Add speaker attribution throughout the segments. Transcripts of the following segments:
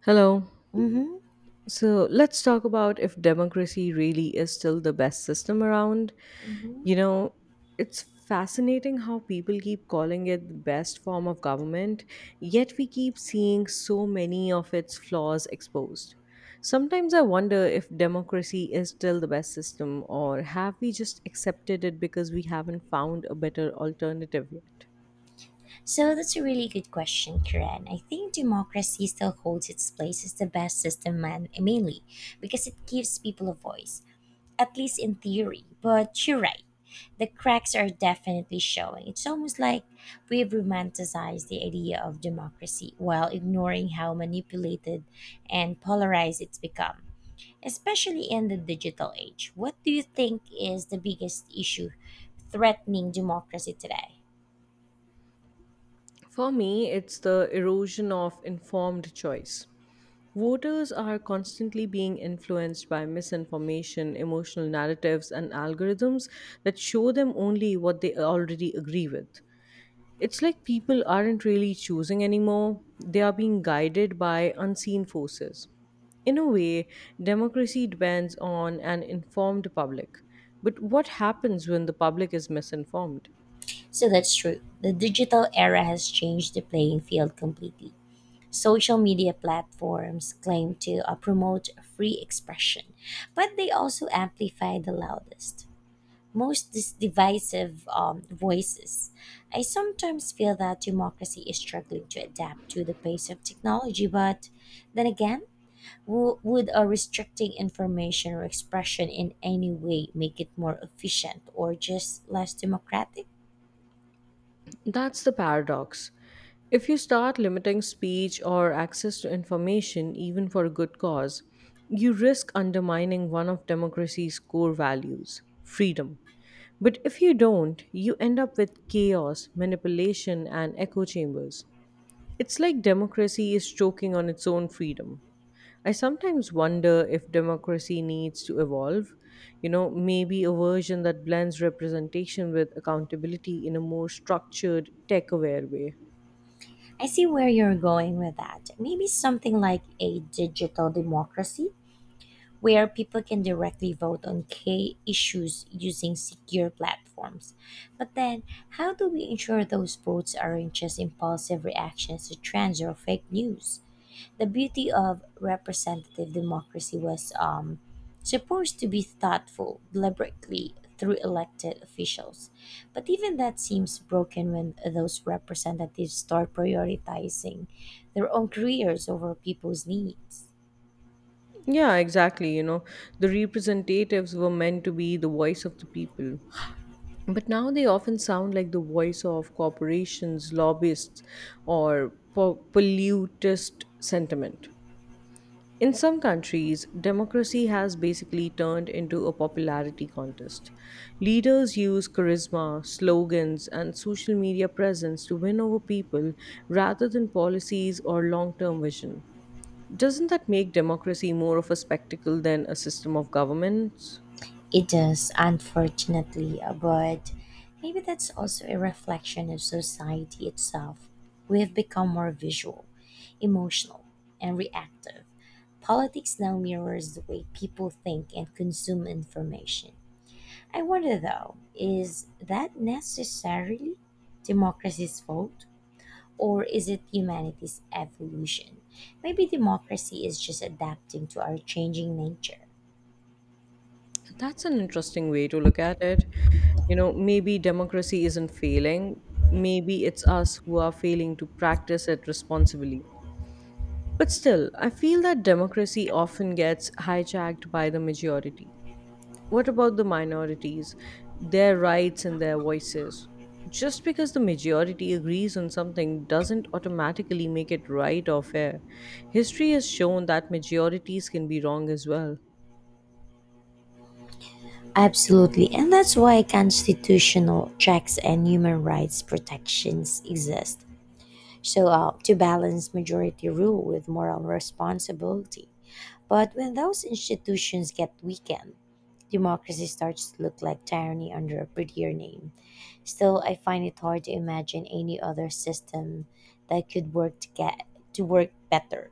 Speaker 1: Hello.
Speaker 2: Mm-hmm.
Speaker 1: So let's talk about if democracy really is still the best system around.
Speaker 2: Mm-hmm.
Speaker 1: You know, it's fascinating how people keep calling it the best form of government, yet we keep seeing so many of its flaws exposed. Sometimes I wonder if democracy is still the best system, or have we just accepted it because we haven't found a better alternative yet?
Speaker 2: So that's a really good question, Karen. I think democracy still holds its place as the best system, man, mainly because it gives people a voice, at least in theory. But you're right, the cracks are definitely showing. It's almost like we've romanticized the idea of democracy while ignoring how manipulated and polarized it's become, especially in the digital age. What do you think is the biggest issue threatening democracy today?
Speaker 1: For me, it's the erosion of informed choice. Voters are constantly being influenced by misinformation, emotional narratives, and algorithms that show them only what they already agree with. It's like people aren't really choosing anymore, they are being guided by unseen forces. In a way, democracy depends on an informed public. But what happens when the public is misinformed?
Speaker 2: So that's true. The digital era has changed the playing field completely. Social media platforms claim to promote free expression, but they also amplify the loudest, most divisive voices. I sometimes feel that democracy is struggling to adapt to the pace of technology, but then again, would restricting information or expression in any way make it more efficient or just less democratic?
Speaker 1: That's the paradox. If you start limiting speech or access to information, even for a good cause, you risk undermining one of democracy's core values freedom. But if you don't, you end up with chaos, manipulation, and echo chambers. It's like democracy is choking on its own freedom. I sometimes wonder if democracy needs to evolve. You know, maybe a version that blends representation with accountability in a more structured, tech aware way.
Speaker 2: I see where you're going with that. Maybe something like a digital democracy where people can directly vote on key issues using secure platforms. But then, how do we ensure those votes aren't just impulsive reactions to trends or fake news? The beauty of representative democracy was supposed to be thoughtful deliberately through elected officials. But even that seems broken when those representatives start prioritizing their own careers over people's needs.
Speaker 1: Yeah, exactly. You know, the representatives were meant to be the voice of the people. But now they often sound like the voice of corporations, lobbyists, or pollutist sentiment. In some countries, democracy has basically turned into a popularity contest. Leaders use charisma, slogans, and social media presence to win over people rather than policies or long term vision. Doesn't that make democracy more of a spectacle than a system of governments?
Speaker 2: It does, unfortunately, but maybe that's also a reflection of society itself. We have become more visual, emotional, and reactive. Politics now mirrors the way people think and consume information. I wonder though, is that necessarily democracy's fault? Or is it humanity's evolution? Maybe democracy is just adapting to our changing nature.
Speaker 1: That's an interesting way to look at it. You know, maybe democracy isn't failing, maybe it's us who are failing to practice it responsibly. But still, I feel that democracy often gets hijacked by the majority. What about the minorities, their rights and their voices? Just because the majority agrees on something doesn't automatically make it right or fair. History has shown that majorities can be wrong as well.
Speaker 2: Absolutely, and that's why constitutional checks and human rights protections exist. So, to balance majority rule with moral responsibility. But when those institutions get weakened, democracy starts to look like tyranny under a prettier name. Still, I find it hard to imagine any other system that could work to get to work better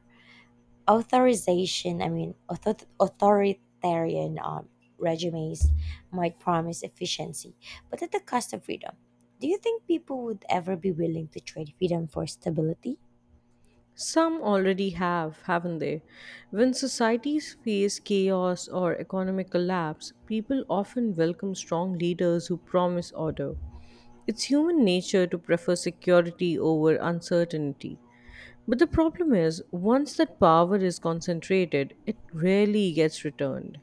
Speaker 2: authorization I mean author- authoritarian regimes might promise efficiency but at the cost of freedom. Do you think people would ever be willing to trade freedom for stability?
Speaker 1: Some already have, haven't they? When societies face chaos or economic collapse, people often welcome strong leaders who promise order. It's human nature to prefer security over uncertainty. But the problem is, once that power is concentrated, it rarely gets returned.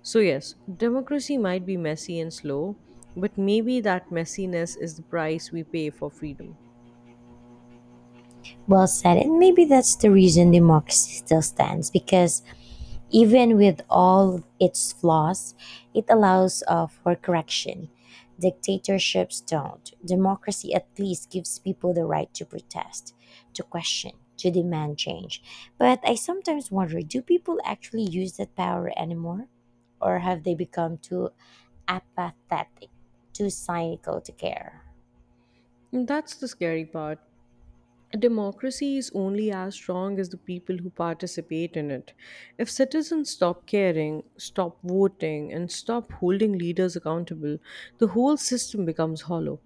Speaker 1: So, yes, democracy might be messy and slow, but maybe that messiness is the price we pay for freedom.
Speaker 2: Well said, and maybe that's the reason democracy still stands because even with all its flaws, it allows for correction. Dictatorships don't. Democracy at least gives people the right to protest, to question, to demand change. But I sometimes wonder, do people actually use that power anymore? Or have they become too apathetic, too cynical to care?
Speaker 1: And that's the scary part. A democracy is only as strong as the people who participate in it. If citizens stop caring, stop voting, and stop holding leaders accountable, the whole system becomes hollow.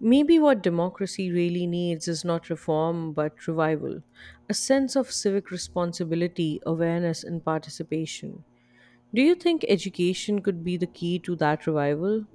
Speaker 1: Maybe what democracy really needs is not reform, but revival a sense of civic responsibility, awareness, and participation. Do you think education could be the key to that revival?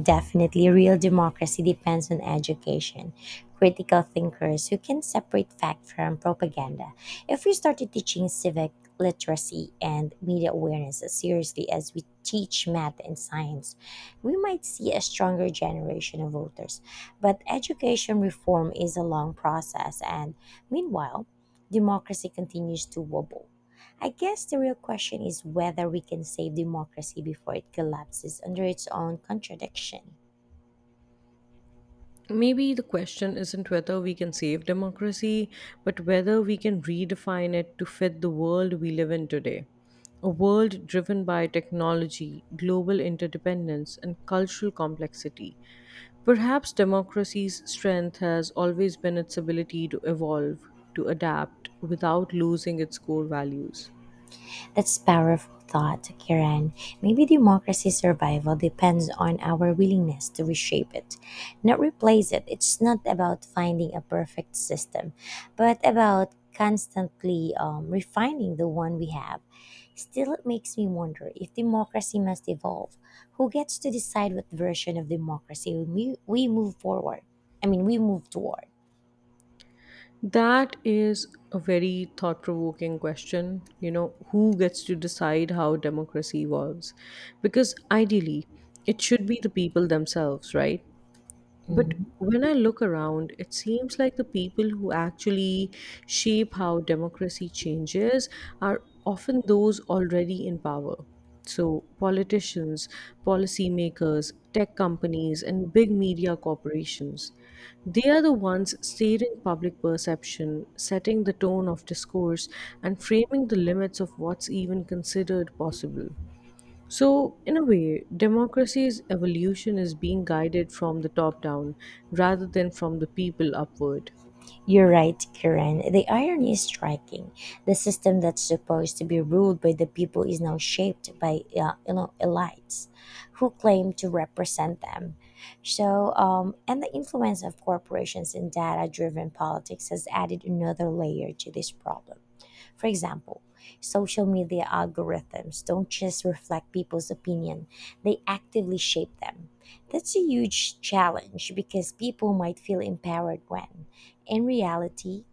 Speaker 2: Definitely, real democracy depends on education, critical thinkers who can separate fact from propaganda. If we started teaching civic literacy and media awareness as seriously as we teach math and science, we might see a stronger generation of voters. But education reform is a long process, and meanwhile, democracy continues to wobble. I guess the real question is whether we can save democracy before it collapses under its own contradiction.
Speaker 1: Maybe the question isn't whether we can save democracy, but whether we can redefine it to fit the world we live in today. A world driven by technology, global interdependence, and cultural complexity. Perhaps democracy's strength has always been its ability to evolve, to adapt, without losing its core values.
Speaker 2: That's powerful thought, Kiran. Maybe democracy's survival depends on our willingness to reshape it, not replace it. It's not about finding a perfect system, but about constantly refining the one we have. Still, it makes me wonder, if democracy must evolve, who gets to decide what version of democracy we move forward? I mean, we move toward.
Speaker 1: That is a very thought provoking question. You know, who gets to decide how democracy evolves? Because ideally, it should be the people themselves, right? But
Speaker 2: Mm-hmm.
Speaker 1: when I look around, it seems like the people who actually shape how democracy changes are often those already in power. So, politicians, policymakers, tech companies, and big media corporations. They are the ones steering public perception, setting the tone of discourse, and framing the limits of what's even considered possible. So, in a way, democracy's evolution is being guided from the top down rather than from the people upward.
Speaker 2: You're right, Karen. The irony is striking. The system that's supposed to be ruled by the people is now shaped by you know elites who claim to represent them. So, and the influence of corporations and data-driven politics has added another layer to this problem. For example, social media algorithms don't just reflect people's opinion, they actively shape them. That's a huge challenge because people might feel empowered when, in reality,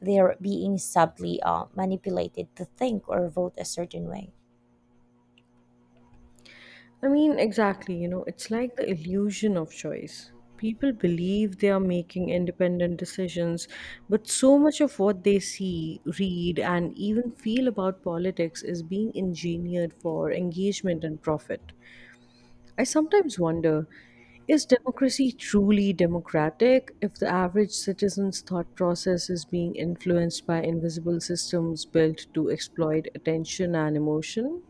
Speaker 2: they're being subtly manipulated to think or vote a certain way.
Speaker 1: I mean, exactly, you know, it's like the illusion of choice. People believe they are making independent decisions, but so much of what they see, read, and even feel about politics is being engineered for engagement and profit. I sometimes wonder is democracy truly democratic if the average citizen's thought process is being influenced by invisible systems built to exploit attention and emotion?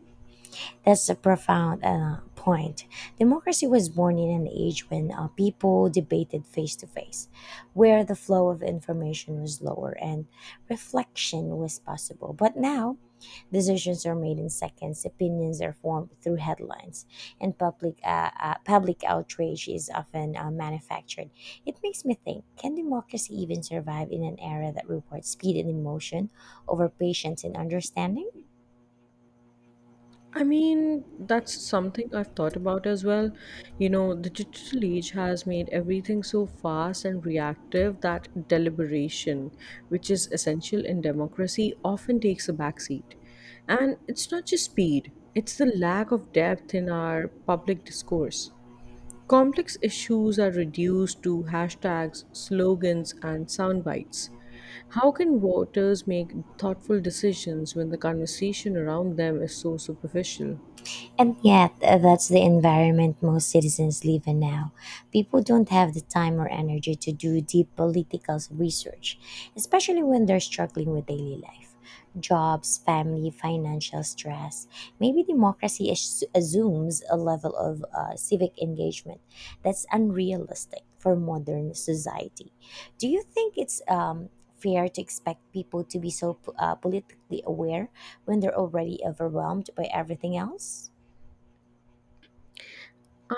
Speaker 2: That's a profound point. Democracy was born in an age when people debated face to face, where the flow of information was lower and reflection was possible. But now, decisions are made in seconds, opinions are formed through headlines, and public outrage is often manufactured. It makes me think, can democracy even survive in an era that rewards speed and emotion over patience and understanding?
Speaker 1: I mean, that's something I've thought about as well. You know, the digital age has made everything so fast and reactive that deliberation, which is essential in democracy, often takes a backseat. And it's not just speed, it's the lack of depth in our public discourse. Complex issues are reduced to hashtags, slogans, and sound bites. How can voters make thoughtful decisions when the conversation around them is so superficial?
Speaker 2: And yet, that's the environment most citizens live in now. People don't have the time or energy to do deep political research, especially when they're struggling with daily life. Jobs, family, financial stress. Maybe democracy assumes a level of civic engagement that's unrealistic for modern society. Do you think it's fair to expect people to be so politically aware when they're already overwhelmed by everything else?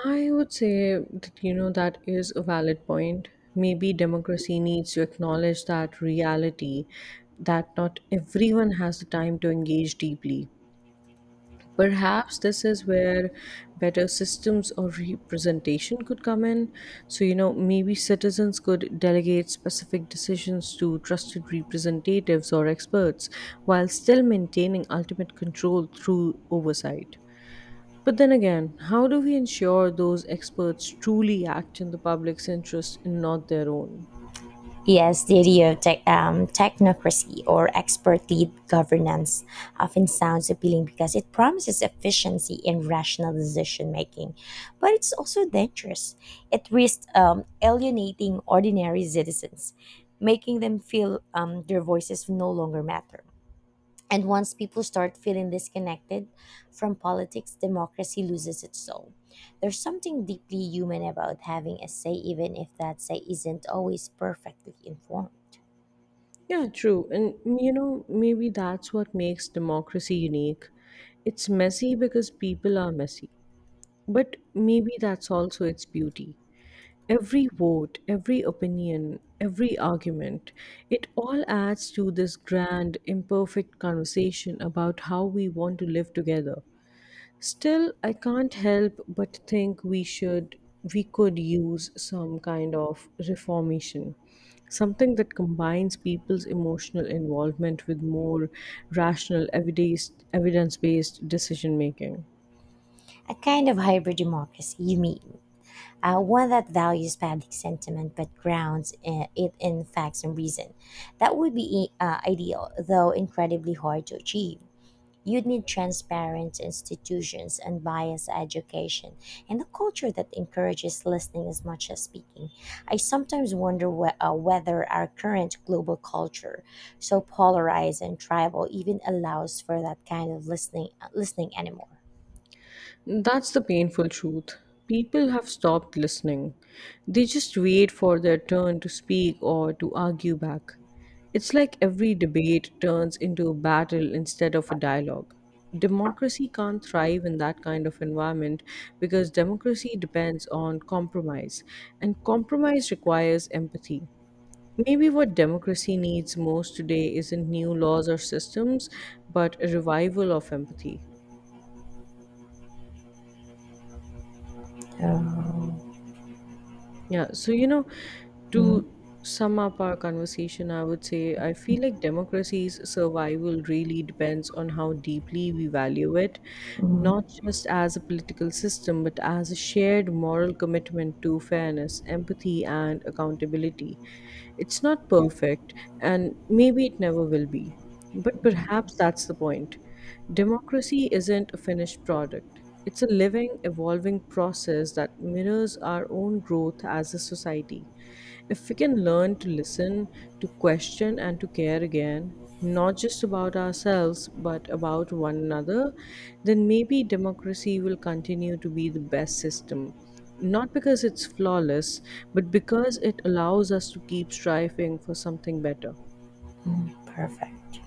Speaker 1: I would say that you know that is a valid point. Maybe democracy needs to acknowledge that reality that not everyone has the time to engage deeply. Perhaps this is where better systems or representation could come in. So, you know, maybe citizens could delegate specific decisions to trusted representatives or experts while still maintaining ultimate control through oversight. But then again, how do we ensure those experts truly act in the public's interest and not their own?
Speaker 2: Yes, the idea of technocracy or expert led governance often sounds appealing because it promises efficiency and rational decision making, but it's also dangerous. It risks alienating ordinary citizens, making them feel their voices no longer matter. And once people start feeling disconnected from politics, democracy loses its soul. There's something deeply human about having a say, even if that say isn't always perfectly informed.
Speaker 1: Yeah, true. And, you know, maybe that's what makes democracy unique. It's messy because people are messy. But maybe that's also its beauty. Every vote, every opinion, every argument, it all adds to this grand, imperfect conversation about how we want to live together. Still, I can't help but think we could use some kind of reformation, something that combines people's emotional involvement with more rational, evidence based decision making.
Speaker 2: A kind of hybrid democracy, you mean? One that values public sentiment but grounds it in facts and reason. That would be ideal, though incredibly hard to achieve. You'd need transparent institutions, unbiased education, and a culture that encourages listening as much as speaking. I sometimes wonder whether our current global culture, so polarized and tribal, even allows for that kind of listening anymore.
Speaker 1: That's the painful truth. People have stopped listening. They just wait for their turn to speak or to argue back. It's like every debate turns into a battle instead of a dialogue. Democracy can't thrive in that kind of environment because democracy depends on compromise, and compromise requires empathy. Maybe what democracy needs most today isn't new laws or systems, but a revival of empathy.
Speaker 2: Oh,
Speaker 1: Yeah. So, you know,
Speaker 2: mm,
Speaker 1: to sum up our conversation, I would say I feel like democracy's survival really depends on how deeply we value it, not
Speaker 2: mm,
Speaker 1: just as a political system, but as a shared moral commitment to fairness, empathy, and accountability. It's not perfect, and maybe it never will be. But perhaps that's the point. Democracy isn't a finished product, it's a living, evolving process that mirrors our own growth as a society. If we can learn to listen, to question, and to care again, not just about ourselves, but about one another, then maybe democracy will continue to be the best system. Not because it's flawless, but because it allows us to keep striving for something better.
Speaker 2: perfect.